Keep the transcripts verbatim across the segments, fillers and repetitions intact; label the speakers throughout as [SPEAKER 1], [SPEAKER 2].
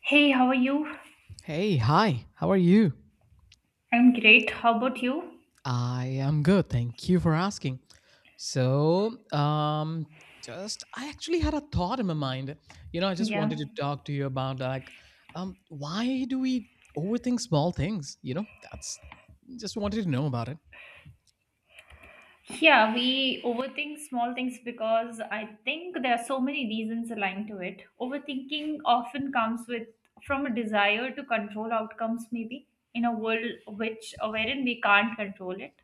[SPEAKER 1] Hey, how are you?
[SPEAKER 2] Hey, hi, how are you?
[SPEAKER 1] I'm great. How about you?
[SPEAKER 2] I am good. Thank you for asking. So, um, just I actually had a thought in my mind. You know, I just
[SPEAKER 1] Yeah.
[SPEAKER 2] wanted to talk to you about like, um, why do we overthink small things? You know, that's Just wanted to know about it.
[SPEAKER 1] Yeah, we overthink small things because I think there are so many reasons aligned to it. Overthinking often comes with from a desire to control outcomes, maybe in a world which wherein we can't control it.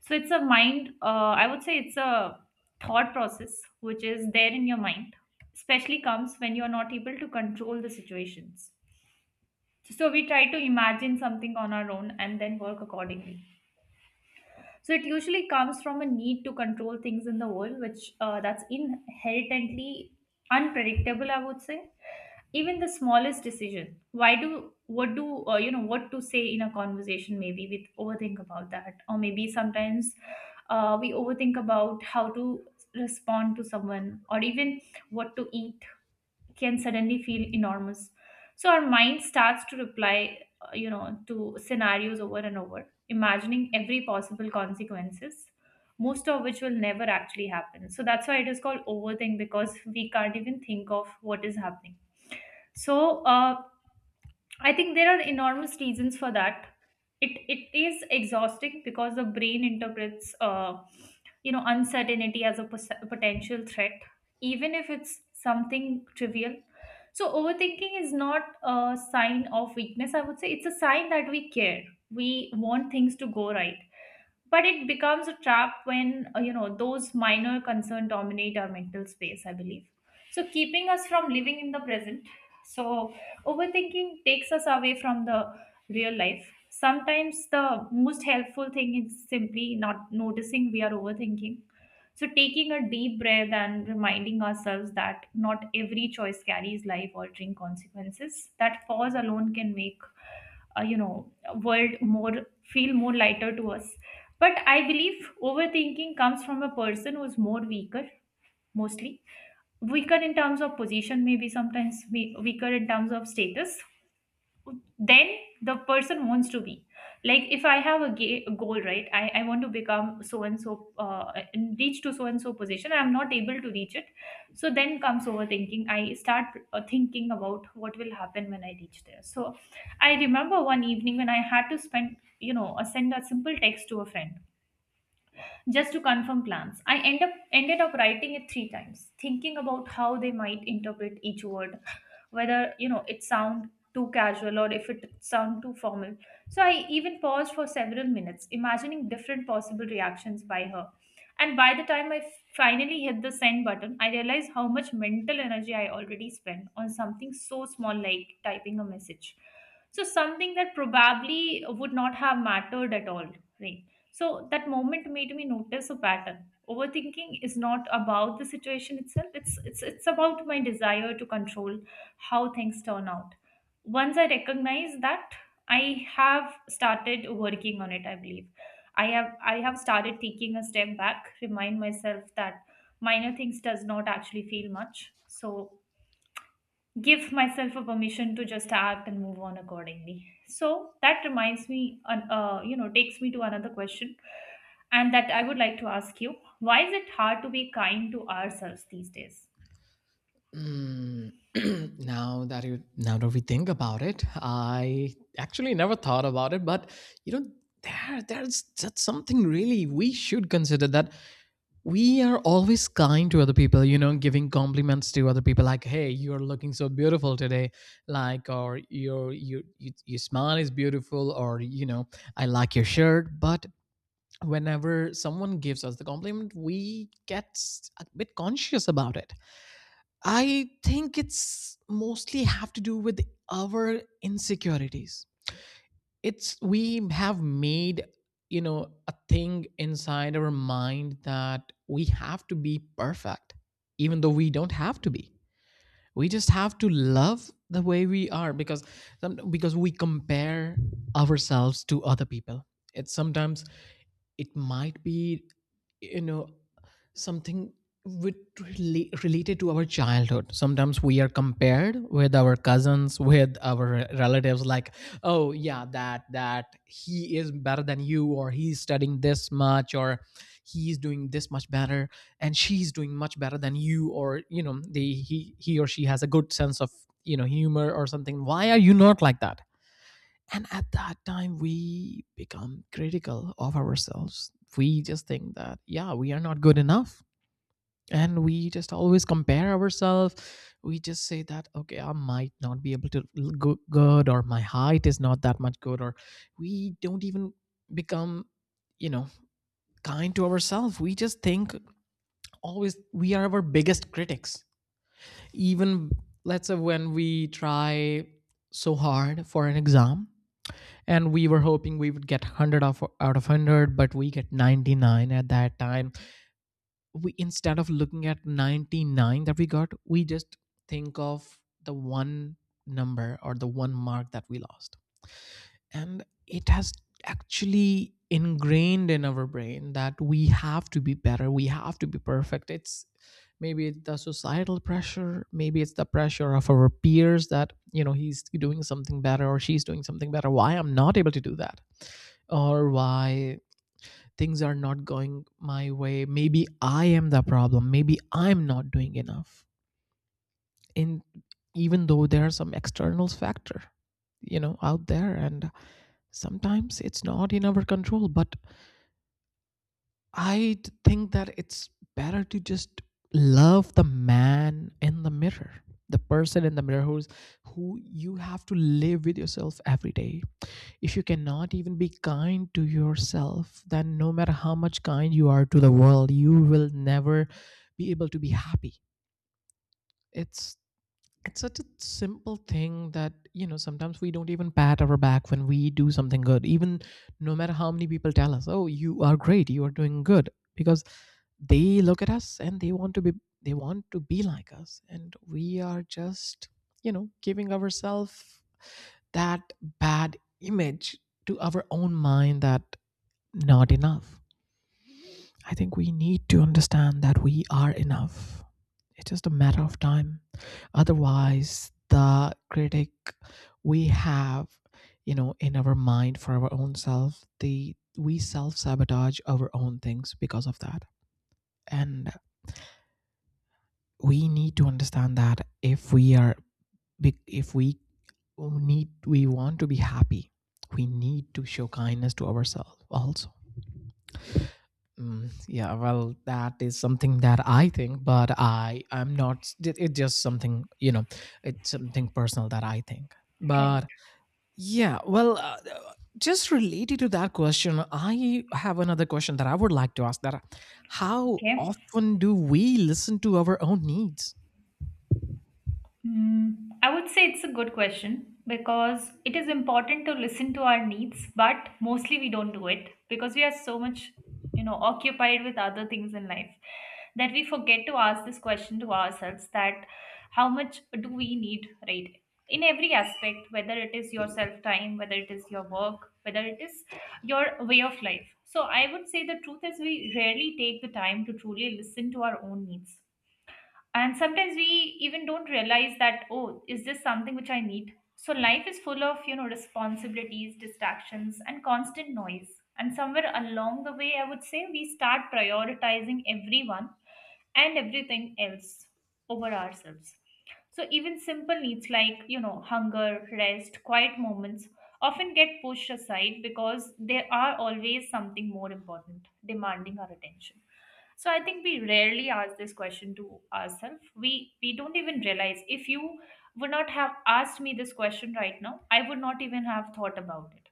[SPEAKER 1] So it's a mind. Uh, I would say it's a thought process which is there in your mind, especially comes when you are not able to control the situations. So we try to imagine something on our own and then work accordingly. So it usually comes from a need to control things in the world, which uh, that's inherently unpredictable. I would say even the smallest decision. Why do what do uh, you know what to say in a conversation? Maybe we overthink about that, or maybe sometimes uh, we overthink about how to respond to someone, or even what to eat can suddenly feel enormous. So our mind starts to reply, uh, you know, to scenarios over and over, imagining every possible consequences, most of which will never actually happen. So that's why it is called overthink because we can't even think of what is happening. So uh, I think there are enormous reasons for that. It it is exhausting because the brain interprets uh, you know uncertainty as a pos- potential threat, even if it's something trivial. So overthinking is not a sign of weakness. I would say it's a sign that we care. We want things to go right, but it becomes a trap when uh, you know those minor concerns dominate our mental space, I believe, so keeping us from living in the present. So overthinking takes us away from the real life. Sometimes the most helpful thing is simply not noticing we are overthinking. So taking a deep breath and reminding ourselves that not every choice carries life altering consequences, that pause alone can make uh, you know world more feel more lighter to us. But I believe overthinking comes from a person who's more weaker, mostly weaker in terms of position, maybe sometimes we- weaker in terms of status. Then the person wants to be, like, if I have a, ga- a goal, right? I, I want to become so and so uh, and reach to so and so position, I'm not able to reach it. So then comes overthinking. I start uh, thinking about what will happen when I reach there. So I remember one evening when I had to spend you know uh, send a simple text to a friend just to confirm plans. I end up ended up writing it three times, thinking about how they might interpret each word, whether you know it sound too casual or if it sound too formal. So I even paused for several minutes, imagining different possible reactions by her. And by the time I finally hit the send button, I realized how much mental energy I already spent on something so small, like typing a message. So something that probably would not have mattered at all, right? So that moment made me notice a pattern. Overthinking is not about the situation itself. It's it's it's about my desire to control how things turn out. Once I recognize that, I have started working on it, I believe. I have I have started taking a step back, remind myself that minor things does not actually feel much. So give myself a permission to just act and move on accordingly. So that reminds me an- uh, you know takes me to another question, and that I would like to ask you: why is it hard to be kind to ourselves these days?
[SPEAKER 2] Mm, now that you Now that we think about it, I actually never thought about it, but you know, there there's that's something really we should consider. That we are always kind to other people, you know, giving compliments to other people, like, hey, you're looking so beautiful today, like, or your your your your smile is beautiful, or, you know, I like your shirt. But whenever someone gives us the compliment, we get s- a bit conscious about it. I think it's mostly have to do with our insecurities. It's, we have made, you know, a thing inside our mind that we have to be perfect, even though we don't have to be. We just have to love the way we are, because some- because we compare ourselves to other people. It's sometimes, it might be, you know, something with rela- related to our childhood. Sometimes we are compared with our cousins, with our relatives, like, oh yeah, that that he is better than you, or he's studying this much, or he's doing this much better, and she's doing much better than you. Or you know, they he he or she has a good sense of, you know, humor or something. Why are you not like that? And at that time, we become critical of ourselves. We just think that, yeah, we are not good enough. And we just always compare ourselves. We just say that, okay, I might not be able to l- go good, or my height is not that much good, or we don't even become, you know, kind to ourselves. We just think, always we are our biggest critics. Even, let's say, when we try so hard for an exam and we were hoping we would get one hundred out of one hundred, but we get ninety-nine. At that time, we, instead of looking at ninety-nine that we got, we just think of the one number or the one mark that we lost. And it has actually ingrained in our brain that we have to be better, we have to be perfect. It's, maybe it's the societal pressure, maybe it's the pressure of our peers, that, you know, he's doing something better or she's doing something better, why I'm not able to do that? Or why things are not going my way? Maybe I am the problem. Maybe I'm not doing enough. In Even though there are some external factor, you know, out there, and sometimes it's not in our control. But I d- think that it's better to just love the man in the mirror, the person in the mirror, who's, who you have to live with yourself every day. If you cannot even be kind to yourself, then no matter how much kind you are to the world, you will never be able to be happy. It's it's such a simple thing that, you know, sometimes we don't even pat our back when we do something good, even no matter how many people tell us, oh, you are great, you are doing good. Because they look at us and they want to be they want to be like us, and we are just, you know, giving ourselves that bad image to our own mind, that not enough. I think we need to understand that we are enough. It's just a matter of time. Otherwise, the critic we have, you know, in our mind for our own self, the we self sabotage our own things because of that. And we need to understand that if we are, be- if we need, we want to be happy, we need to show kindness to ourselves also. Mm, yeah, well, that is something that I think, but I i am not. It, it's just something, you know, it's something personal that I think.
[SPEAKER 1] Right.
[SPEAKER 2] But yeah, well, uh, just related to that question, I have another question that I would like to ask: that how
[SPEAKER 1] Okay.
[SPEAKER 2] often do we listen to our own needs?
[SPEAKER 1] Hmm, I would say it's a good question because it is important to listen to our needs, but mostly we don't do it because we are so much, you know, occupied with other things in life that we forget to ask this question to ourselves, that how much do we need, right? In every aspect, whether it is your self time, whether it is your work, whether it is your way of life. So I would say the truth is we rarely take the time to truly listen to our own needs, and sometimes we even don't realize that, oh, is this something which I need? So life is full of, you know, responsibilities, distractions, and constant noise. And somewhere along the way, I would say we start prioritizing everyone and everything else over ourselves. So even simple needs like, you know, hunger, rest, quiet moments often get pushed aside because they are always something more important demanding our attention. So I think we rarely ask this question to ourselves. We we don't even realize. If you would not have asked me this question right now, I would not even have thought about it.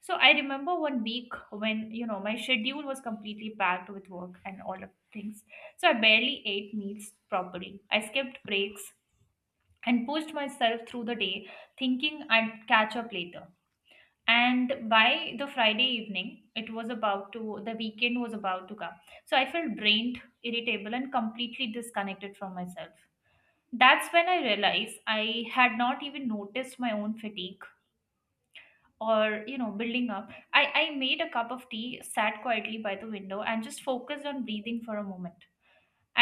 [SPEAKER 1] So I remember one week when you know my schedule was completely packed with work and all of things. So I barely ate meals properly. I skipped breaks and pushed myself through the day, thinking I'd catch up later. And by the Friday evening, it was about to, the weekend was about to come, so I felt drained, irritable, and completely disconnected from myself. That's when I realized I had not even noticed my own fatigue or you know building up. I i made a cup of tea, sat quietly by the window, and just focused on breathing for a moment.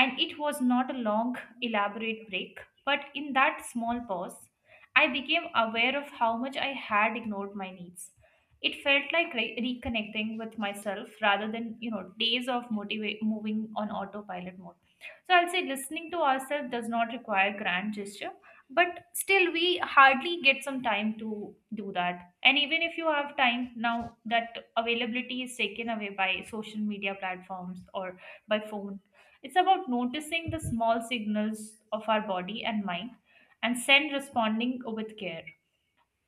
[SPEAKER 1] And it was not a long, elaborate break, but in that small pause, I became aware of how much I had ignored my needs. It felt like re- reconnecting with myself rather than, you know, days of motiva- moving on autopilot mode. So I'll say listening to ourselves does not require grand gesture, but still we hardly get some time to do that. And even if you have time now, that availability is taken away by social media platforms or by phone. It's about noticing the small signals of our body and mind, and send responding with care.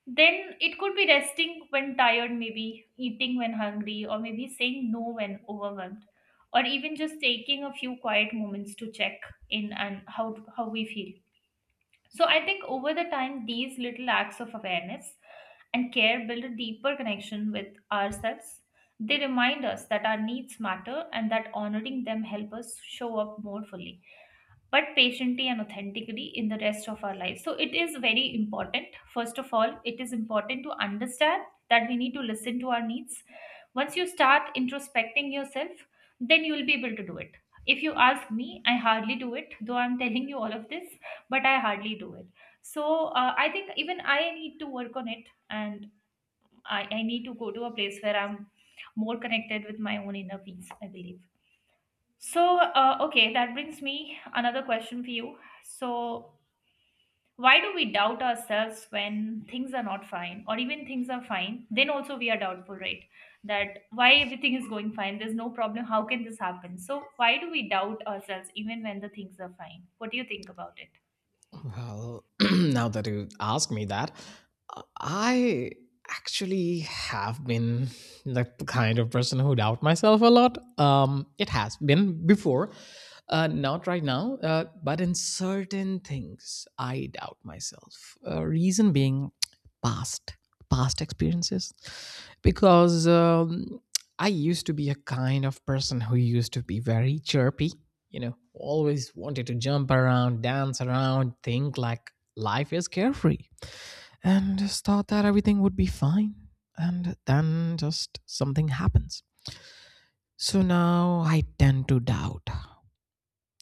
[SPEAKER 1] Then it could be resting when tired, maybe eating when hungry, or maybe saying no when overwhelmed, or even just taking a few quiet moments to check in and how, how we feel. So I think over the time, these little acts of awareness and care build a deeper connection with ourselves. They remind us that our needs matter, and that honoring them help us show up more fully but patiently and authentically in the rest of our lives. So it is very important. First of all, it is important to understand that we need to listen to our needs. Once you start introspecting yourself, then you will be able to do it. If you ask me, I hardly do it, though I'm telling you all of this, but I hardly do it. So uh, I think even I need to work on it, and I, I need to go to a place where I'm more connected with my own inner peace, I believe. So, uh, okay, that brings me another question for you. So, why do we doubt ourselves when things are not fine, or even things are fine? Then also we are doubtful, right? That why everything is going fine, there's no problem, how can this happen? So, why do we doubt ourselves even when the things are fine? What do you think about it?
[SPEAKER 2] Well, now that you ask me that, I actually have been the kind of person who doubt myself a lot. Um, it has been before, uh, not right now, uh, but in certain things, I doubt myself. Uh, reason being past past experiences, because um, I used to be a kind of person who used to be very chirpy, you know, always wanted to jump around, dance around, think like life is carefree, and just thought that everything would be fine, and then just something happens. So now I tend to doubt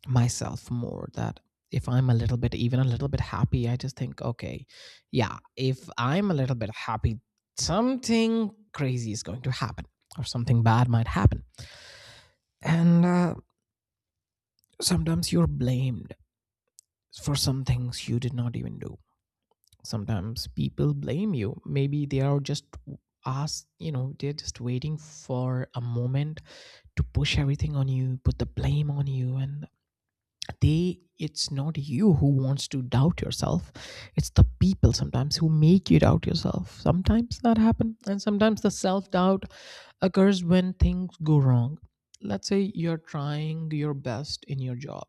[SPEAKER 2] myself more that if I'm a little bit, even a little bit happy, I just think, okay, yeah, if I'm a little bit happy, something crazy is going to happen, or something bad might happen. And uh, Sometimes you're blamed for some things you did not even do. Sometimes people blame you, maybe they are just ask you know, they're just waiting for a moment to push everything on you, put the blame on you. And they it's not you who wants to doubt yourself, it's the people sometimes who make you doubt yourself. Sometimes that happen. And sometimes the self doubt occurs when things go wrong. Let's say you're trying your best in your job,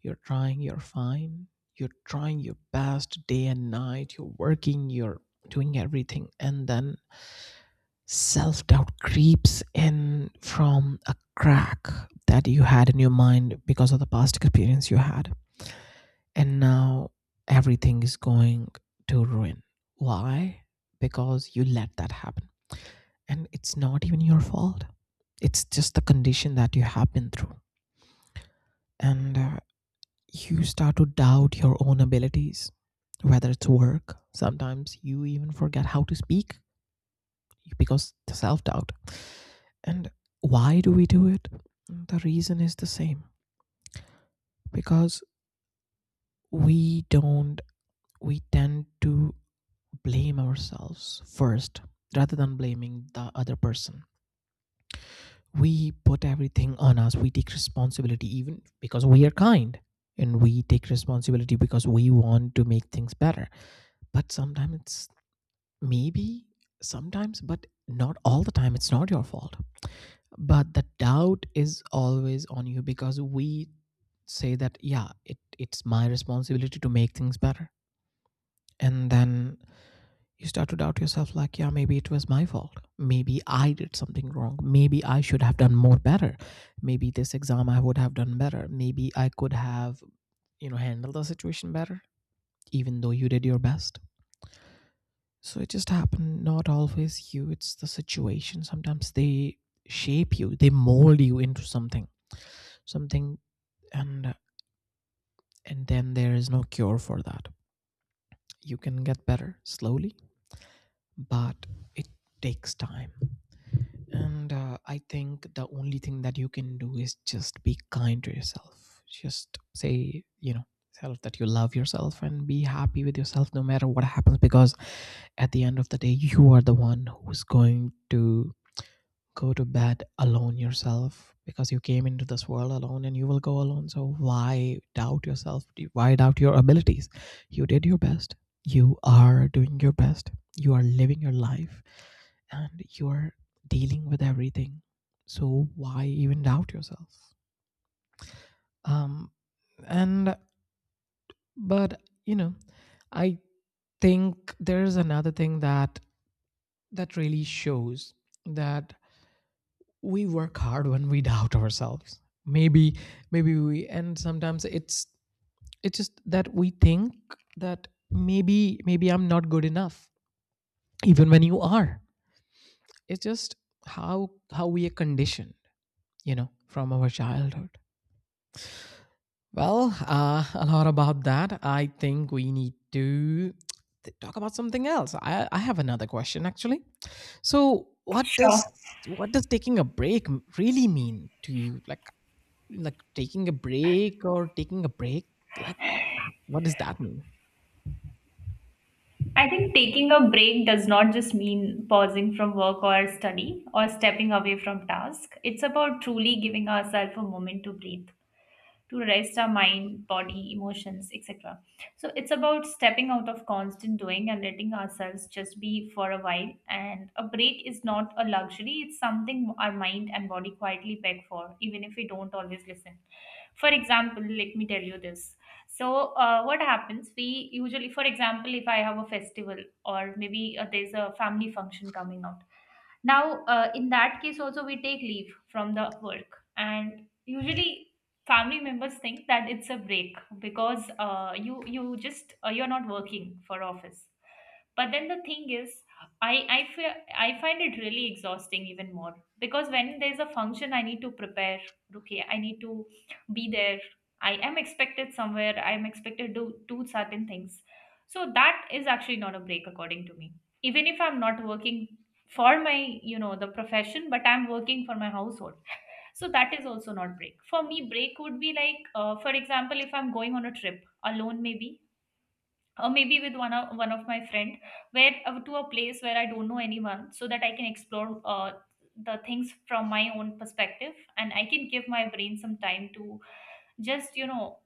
[SPEAKER 2] you're trying, you're fine. You're trying your best day and night. You're working, you're doing everything. And then self doubt creeps in from a crack that you had in your mind because of the past experience you had. And now everything is going to ruin. Why? Because you let that happen. And it's not even your fault, it's just the condition that you have been through. And uh, You start to doubt your own abilities, whether it's work. Sometimes you even forget how to speak because the self doubt. And why do we do it? The reason is the same, because we don't, we tend to blame ourselves first rather than blaming the other person. We put everything on us, we take responsibility, even because we are kind, and we take responsibility because we want to make things better. But sometimes it's, maybe sometimes, but not all the time. It's not your fault. But the doubt is always on you because we say that, yeah, it, it's my responsibility to make things better. And then you start to doubt yourself like, yeah, maybe it was my fault. Maybe I did something wrong. Maybe I should have done more better. Maybe this exam I would have done better. Maybe I could have, you know, handled the situation better, even though you did your best. So it just happened, not always you, it's the situation. Sometimes they shape you, they mold you into something, something, and and then there is no cure for that. You can get better slowly, but it takes time. And uh, I think the only thing that you can do is just be kind to yourself. Just say, you know, self that you love yourself and be happy with yourself no matter what happens. Because at the end of the day you are the one who's going to go to bed alone yourself, because you came into this world alone and you will go alone. So why doubt yourself? Why doubt your abilities? You did your best, you are doing your best, you are living your life, and you're dealing with everything. So why even doubt yourself? um and But you know, I think there's another thing that that really shows that we work hard when we doubt ourselves. maybe Maybe we, and sometimes it's it's just that we think that maybe maybe I'm not good enough, even when you are. It's just how how we are conditioned, you know, from our childhood. Well, uh, a lot about that, I think we need to th- talk about something else. i I have another question actually. So what
[SPEAKER 1] Sure.
[SPEAKER 2] does, what does taking a break really mean to you? like like taking a break or taking a break, like, what does that mean?
[SPEAKER 1] I think taking a break does not just mean pausing from work or study or stepping away from task. It's about truly giving ourselves a moment to breathe, to rest our mind, body, emotions, et cetera. So it's about stepping out of constant doing and letting ourselves just be for a while. And a break is not a luxury, it's something our mind and body quietly beg for, even if we don't always listen. For example, let me tell you this. So, uh, what happens? We usually, for example, if I have a festival or maybe uh, there's a family function coming out now uh, in that case also we take leave from the work, and usually family members think that it's a break because uh, you you just uh, you're not working for office. But then the thing is, i i feel, I find it really exhausting even more, because when there's a function I need to prepare. Okay, I need to be there. I am expected somewhere, I am expected to do certain things. So that is actually not a break according to me. Even if I'm not working for my, you know, the profession, but I'm working for my household. So that is also not break for me. Break would be like, uh, for example, if I'm going on a trip alone, maybe, or maybe with one of one of my friend, where uh, to a place where I don't know anyone, so that I can explore uh, the things from my own perspective, and I can give my brain some time to just, you know,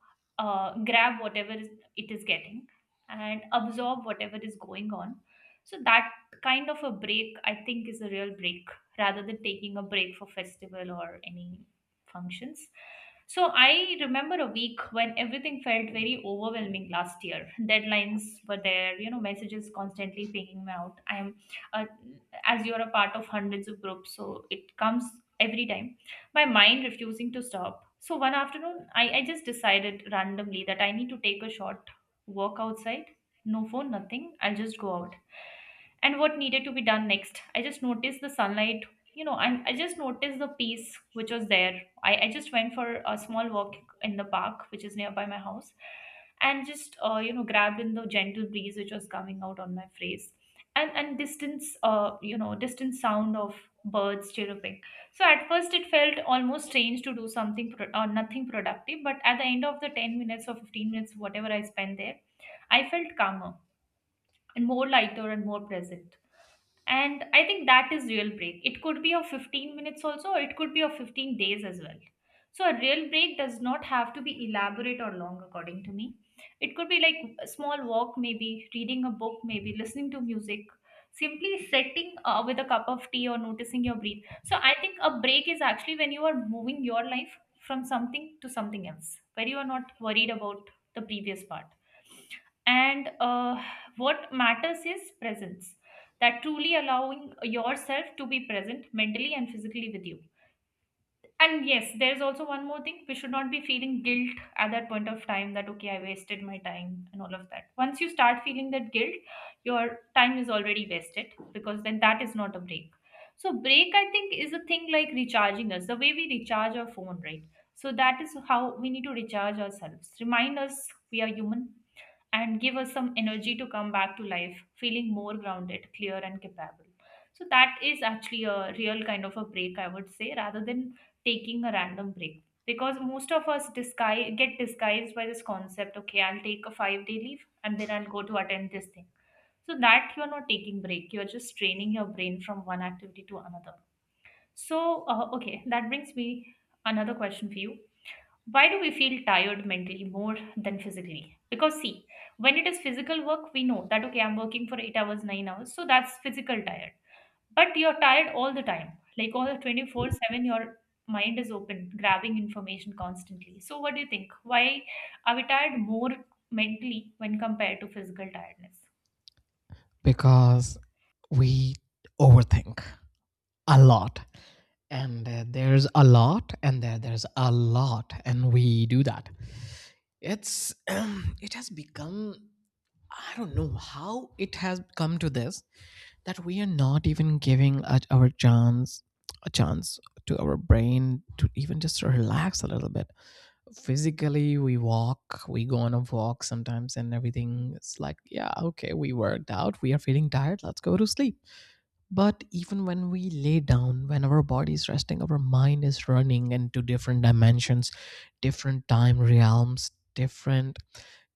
[SPEAKER 1] uh, grab whatever is, it is getting, and absorb whatever is going on. So that kind of a break, I think, is a real break, rather than taking a break for festival or any functions. So I remember a week when everything felt very overwhelming last year. Deadlines were there, you know, messages constantly pinging me out. I'm uh, as you're a part of hundreds of groups, so it comes every time, my mind refusing to stop. So one afternoon, I, I just decided randomly that I need to take a short walk outside. No phone, nothing. I'll just go out and what needed to be done next. I just noticed the sunlight, you know, and I just noticed the peace which was there. i, I just went for a small walk in the park which is nearby my house, and just uh, you know, grabbed in the gentle breeze which was coming out on my face, and and distance, uh, you know, distant sound of birds chirping. So at first it felt almost strange to do something pro- or nothing productive, but at the end of the ten minutes or fifteen minutes, whatever I spent there, I felt calmer and more lighter and more present. And I think that is real break. It could be of fifteen minutes also, or it could be of fifteen days as well. So a real break does not have to be elaborate or long according to me. It could be like a small walk, maybe reading a book, maybe listening to music, simply sitting uh, with a cup of tea, or noticing your breath. So I think a break is actually when you are moving your life from something to something else, where you are not worried about the previous part and uh, what matters is presence. That truly allowing yourself to be present mentally and physically with you. And yes, there's also one more thing. We should not be feeling guilt at that point of time that, okay, I wasted my time and all of that. Once you start feeling that guilt, your time is already wasted, because then that is not a break. So, break, I think, is a thing like recharging us, the way we recharge our phone, right? So, that is how we need to recharge ourselves. Remind us we are human and give us some energy to come back to life feeling more grounded, clear and capable. So that is actually a real kind of a break, I would say, rather than taking a random break, because most of us disguise get disguised by this concept, okay, I'll take a five day leave and then I'll go to attend this thing. So that you're not taking break, you're just training your brain from one activity to another. So uh, okay, that brings me another question for you. Why do we feel tired mentally more than physically? Because see, when it is physical work, we know that, okay, I'm working for eight hours, nine hours, so that's physical tired. But you're tired all the time, like all the twenty four seven, your mind is open grabbing information constantly. So what do you think, why are we tired more mentally when compared to physical tiredness?
[SPEAKER 2] Because we overthink a lot. And uh, There's a lot. And there there's a lot, and we do that. It's um, It has become, I don't know how it has come to this, that we are not even giving a, our chance, a chance to our brain to even just relax a little bit. Physically, we walk, we go on a walk sometimes, and everything, it's like, yeah, okay, we worked out, we are feeling tired, let's go to sleep. But even when we lay down, when our body is resting, our mind is running into different dimensions, different time realms, different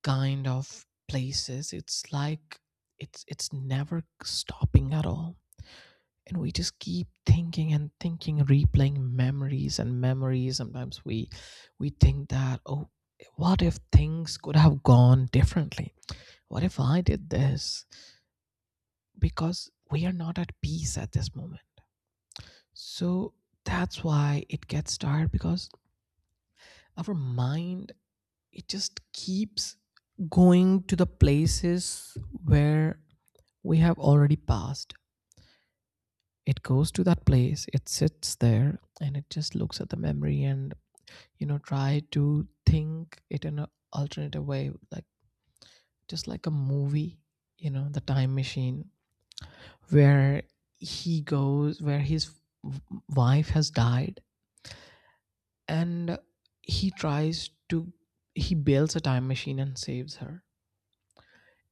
[SPEAKER 2] kind of places. It's like, it's it's Never stopping at all. And we just keep thinking and thinking, replaying memories and memories. Sometimes we we think that, oh, what if things could have gone differently? What if I did this? Because we are not at peace at this moment. So that's why it gets tired, because our mind, it just keeps going to the places where we have already passed. It goes to that place, it sits there, and it just looks at the memory and you know try to think it in an alternative way, like just like a movie. You know, the time machine, where he goes where his w- wife has died, and he tries to, he builds a time machine and saves her.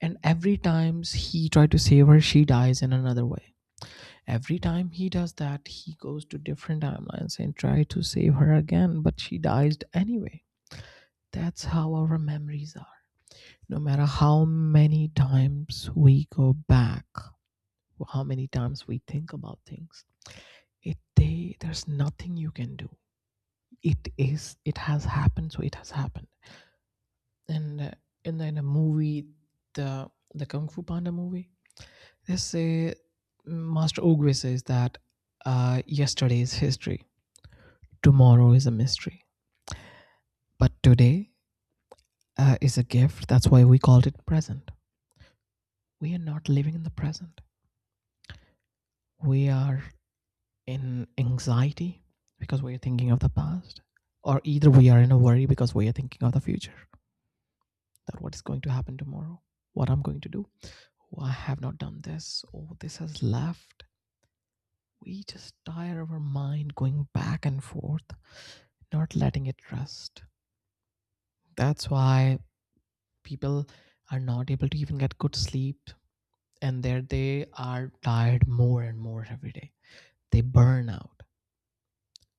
[SPEAKER 2] And every times he tries to save her, she dies in another way. Every time he does that, he goes to different timelines and try to save her again, but she dies anyway. That's how our memories are. No matter how many times we go back, or how many times we think about things, it they there's nothing you can do. It is, it has happened, so it has happened. And uh, In the, in a movie, the the Kung Fu Panda movie, they say, Master Oogway says that, uh, yesterday is history, tomorrow is a mystery, but today uh, is a gift, that's why we called it present. We are not living in the present. We are in anxiety, because we are thinking of the past, or either we are in a worry because we are thinking of the future. That what is going to happen tomorrow, what I'm going to do. Oh, I have not done this, oh, this has left. We just tire our mind going back and forth, not letting it rest. That's why people are not able to even get good sleep, and there they are tired more and more every day. They burn out.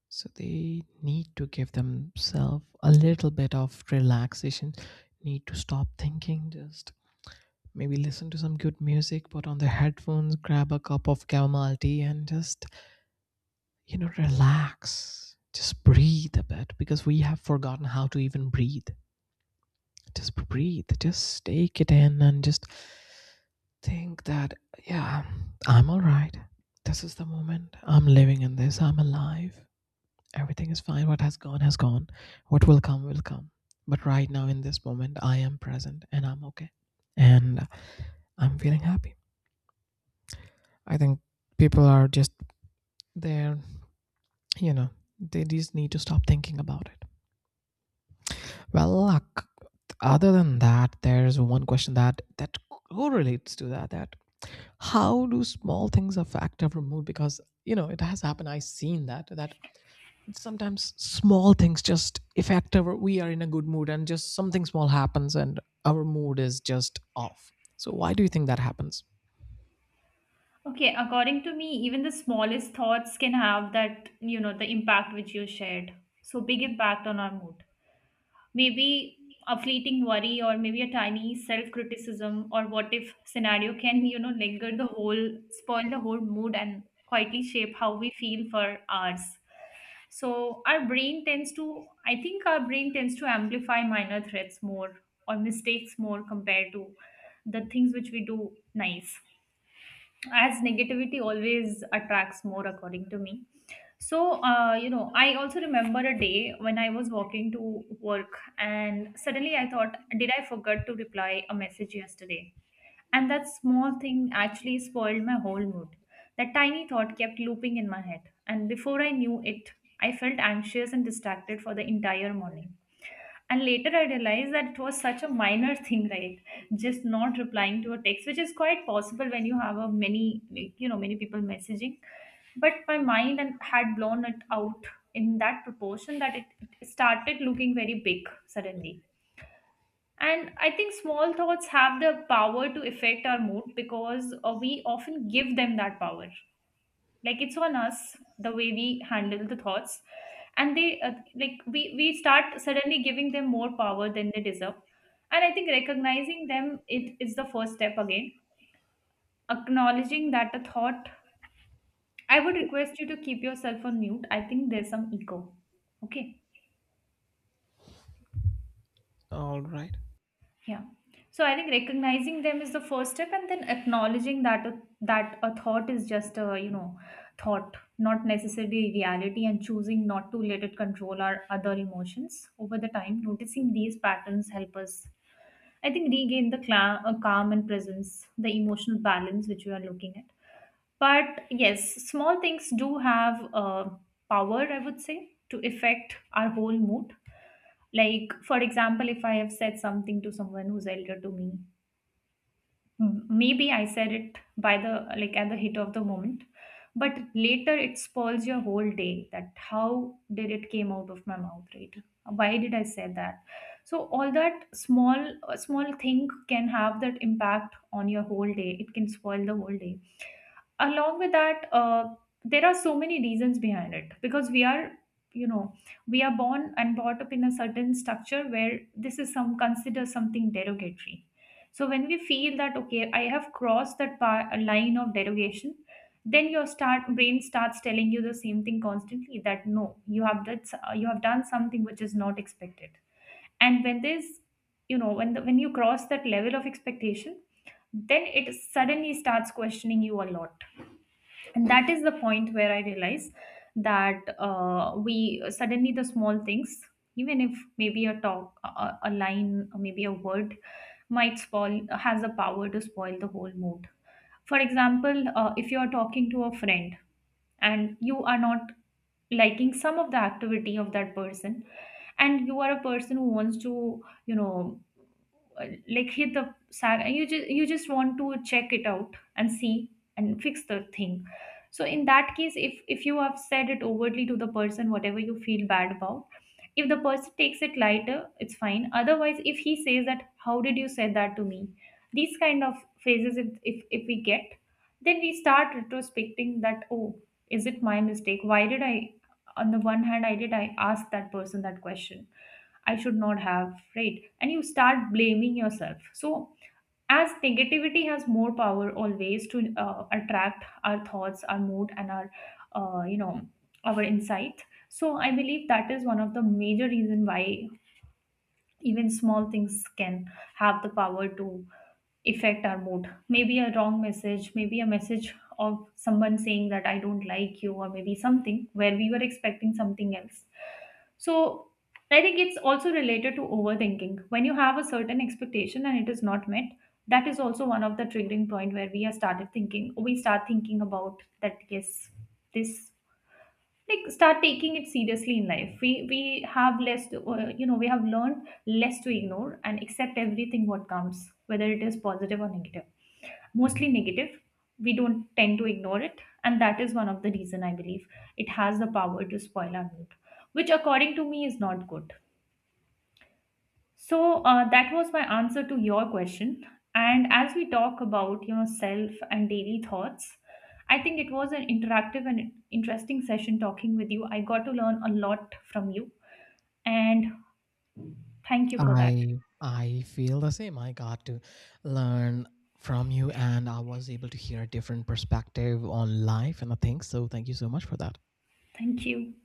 [SPEAKER 2] So they need to give themselves a little bit of relaxation, need to stop thinking, just maybe listen to some good music, put on the headphones, grab a cup of chamomile tea, and just, you know, relax. Just breathe a bit because we have forgotten how to even breathe. Just breathe, just take it in and just think that, yeah, I'm all right. This is the moment. I'm living in this. I'm alive. Everything is fine. What has gone has gone. What will come will come. But right now, in this moment, I am present and I'm okay. And I'm feeling happy. I think people are just there, you know, they just need to stop thinking about it. Well, luck. Other than that, there's one question that that correlates to that. That how do small things affect our mood? Because you know it has happened. I've seen that. That sometimes small things just affect our, we are in a good mood and just something small happens and our mood is just off. So why do you think that happens?
[SPEAKER 1] Okay, according to me, even the smallest thoughts can have that, you know, the impact which you shared. So big impact on our mood. Maybe a fleeting worry, or maybe a tiny self criticism, or what if scenario can, you know, linger the whole, spoil the whole mood, and quietly shape how we feel for hours. So our brain tends to, I think our brain tends to amplify minor threats more or mistakes more compared to the things which we do nice, as negativity always attracts more according to me. So uh, you know, I also remember a day when I was walking to work, and suddenly I thought, did I forget to reply a message yesterday? And that small thing actually spoiled my whole mood. That tiny thought kept looping in my head, and before I knew it, I felt anxious and distracted for the entire morning. And later I realized that it was such a minor thing, right? Just not replying to a text, which is quite possible when you have a many, like, you know, many people messaging. But my mind and had blown it out in that proportion that it, it started looking very big suddenly. And I think small thoughts have the power to affect our mood, because uh, we often give them that power, like it's on us, the way we handle the thoughts. And they uh, like we we start suddenly giving them more power than they deserve. And I think recognizing them it is the first step. Again, acknowledging that the thought, I would request you to keep yourself on mute, I think there's some echo. Okay.
[SPEAKER 2] All right.
[SPEAKER 1] Yeah. So I think recognizing them is the first step, and then acknowledging that a, that a thought is just a, you know, thought, not necessarily reality, and choosing not to let it control our other emotions over the time. Noticing these patterns help us, I think, regain the cla- uh, calm and presence, the emotional balance which we are looking at. But yes, small things do have uh, power, I would say, to affect our whole mood. Like for example, if I have said something to someone who's elder to me, M- maybe I said it by the, like at the hit of the moment, but later it spoils your whole day, that how did it came out of my mouth, right? Why did I say that? So all that small uh, small thing can have that impact on your whole day. It can spoil the whole day. Along with that, uh, there are so many reasons behind it, because we are, you know, we are born and brought up in a certain structure where this is some consider something derogatory. So when we feel that, okay, I have crossed that par- line of derogation, then your start brain starts telling you the same thing constantly, that no, you have that, you have done something which is not expected. And when there's, you know, when the, when you cross that level of expectation, then it suddenly starts questioning you a lot. And that is the point where I realize that uh, we, suddenly the small things, even if maybe a talk a, a line, or maybe a word, might spoil, has the power to spoil the whole mood. For example, uh, if you are talking to a friend, and you are not liking some of the activity of that person, and you are a person who wants to, you know, uh, like hit the sack, and you just you just want to check it out and see and fix the thing. So in that case, if if you have said it overtly to the person whatever you feel bad about, if the person takes it lighter it's fine, otherwise if he says that how did you say that to me, these kind of phrases, if if, if we get, then we start retrospecting that, oh, is it my mistake, why did I, on the one hand I did, I asked that person that question, I should not have, right? And you start blaming yourself. So as negativity has more power always to uh, attract our thoughts, our mood, and our uh, you know, our insight, so I believe that is one of the major reason why even small things can have the power to affect our mood. Maybe a wrong message, maybe a message of someone saying that I don't like you, or maybe something where we were expecting something else. So, I think it's also related to overthinking. When you have a certain expectation and it is not met, that is also one of the triggering point where we are started thinking, we start thinking about that, yes, this, like start taking it seriously in life, we we have less to, uh, you know, we have learned less to ignore and accept everything what comes, whether it is positive or negative, mostly negative. We don't tend to ignore it, and that is one of the reason I believe it has the power to spoil our mood, which according to me is not good. So uh, that was my answer to your question. And as we talk about, you know, self and daily thoughts, I think it was an interactive and interesting session talking with you. I got to learn a lot from you, and thank you for that.
[SPEAKER 2] I i feel the same. I got to learn from you, and I was able to hear a different perspective on life and the things, so thank you so much for that.
[SPEAKER 1] Thank you.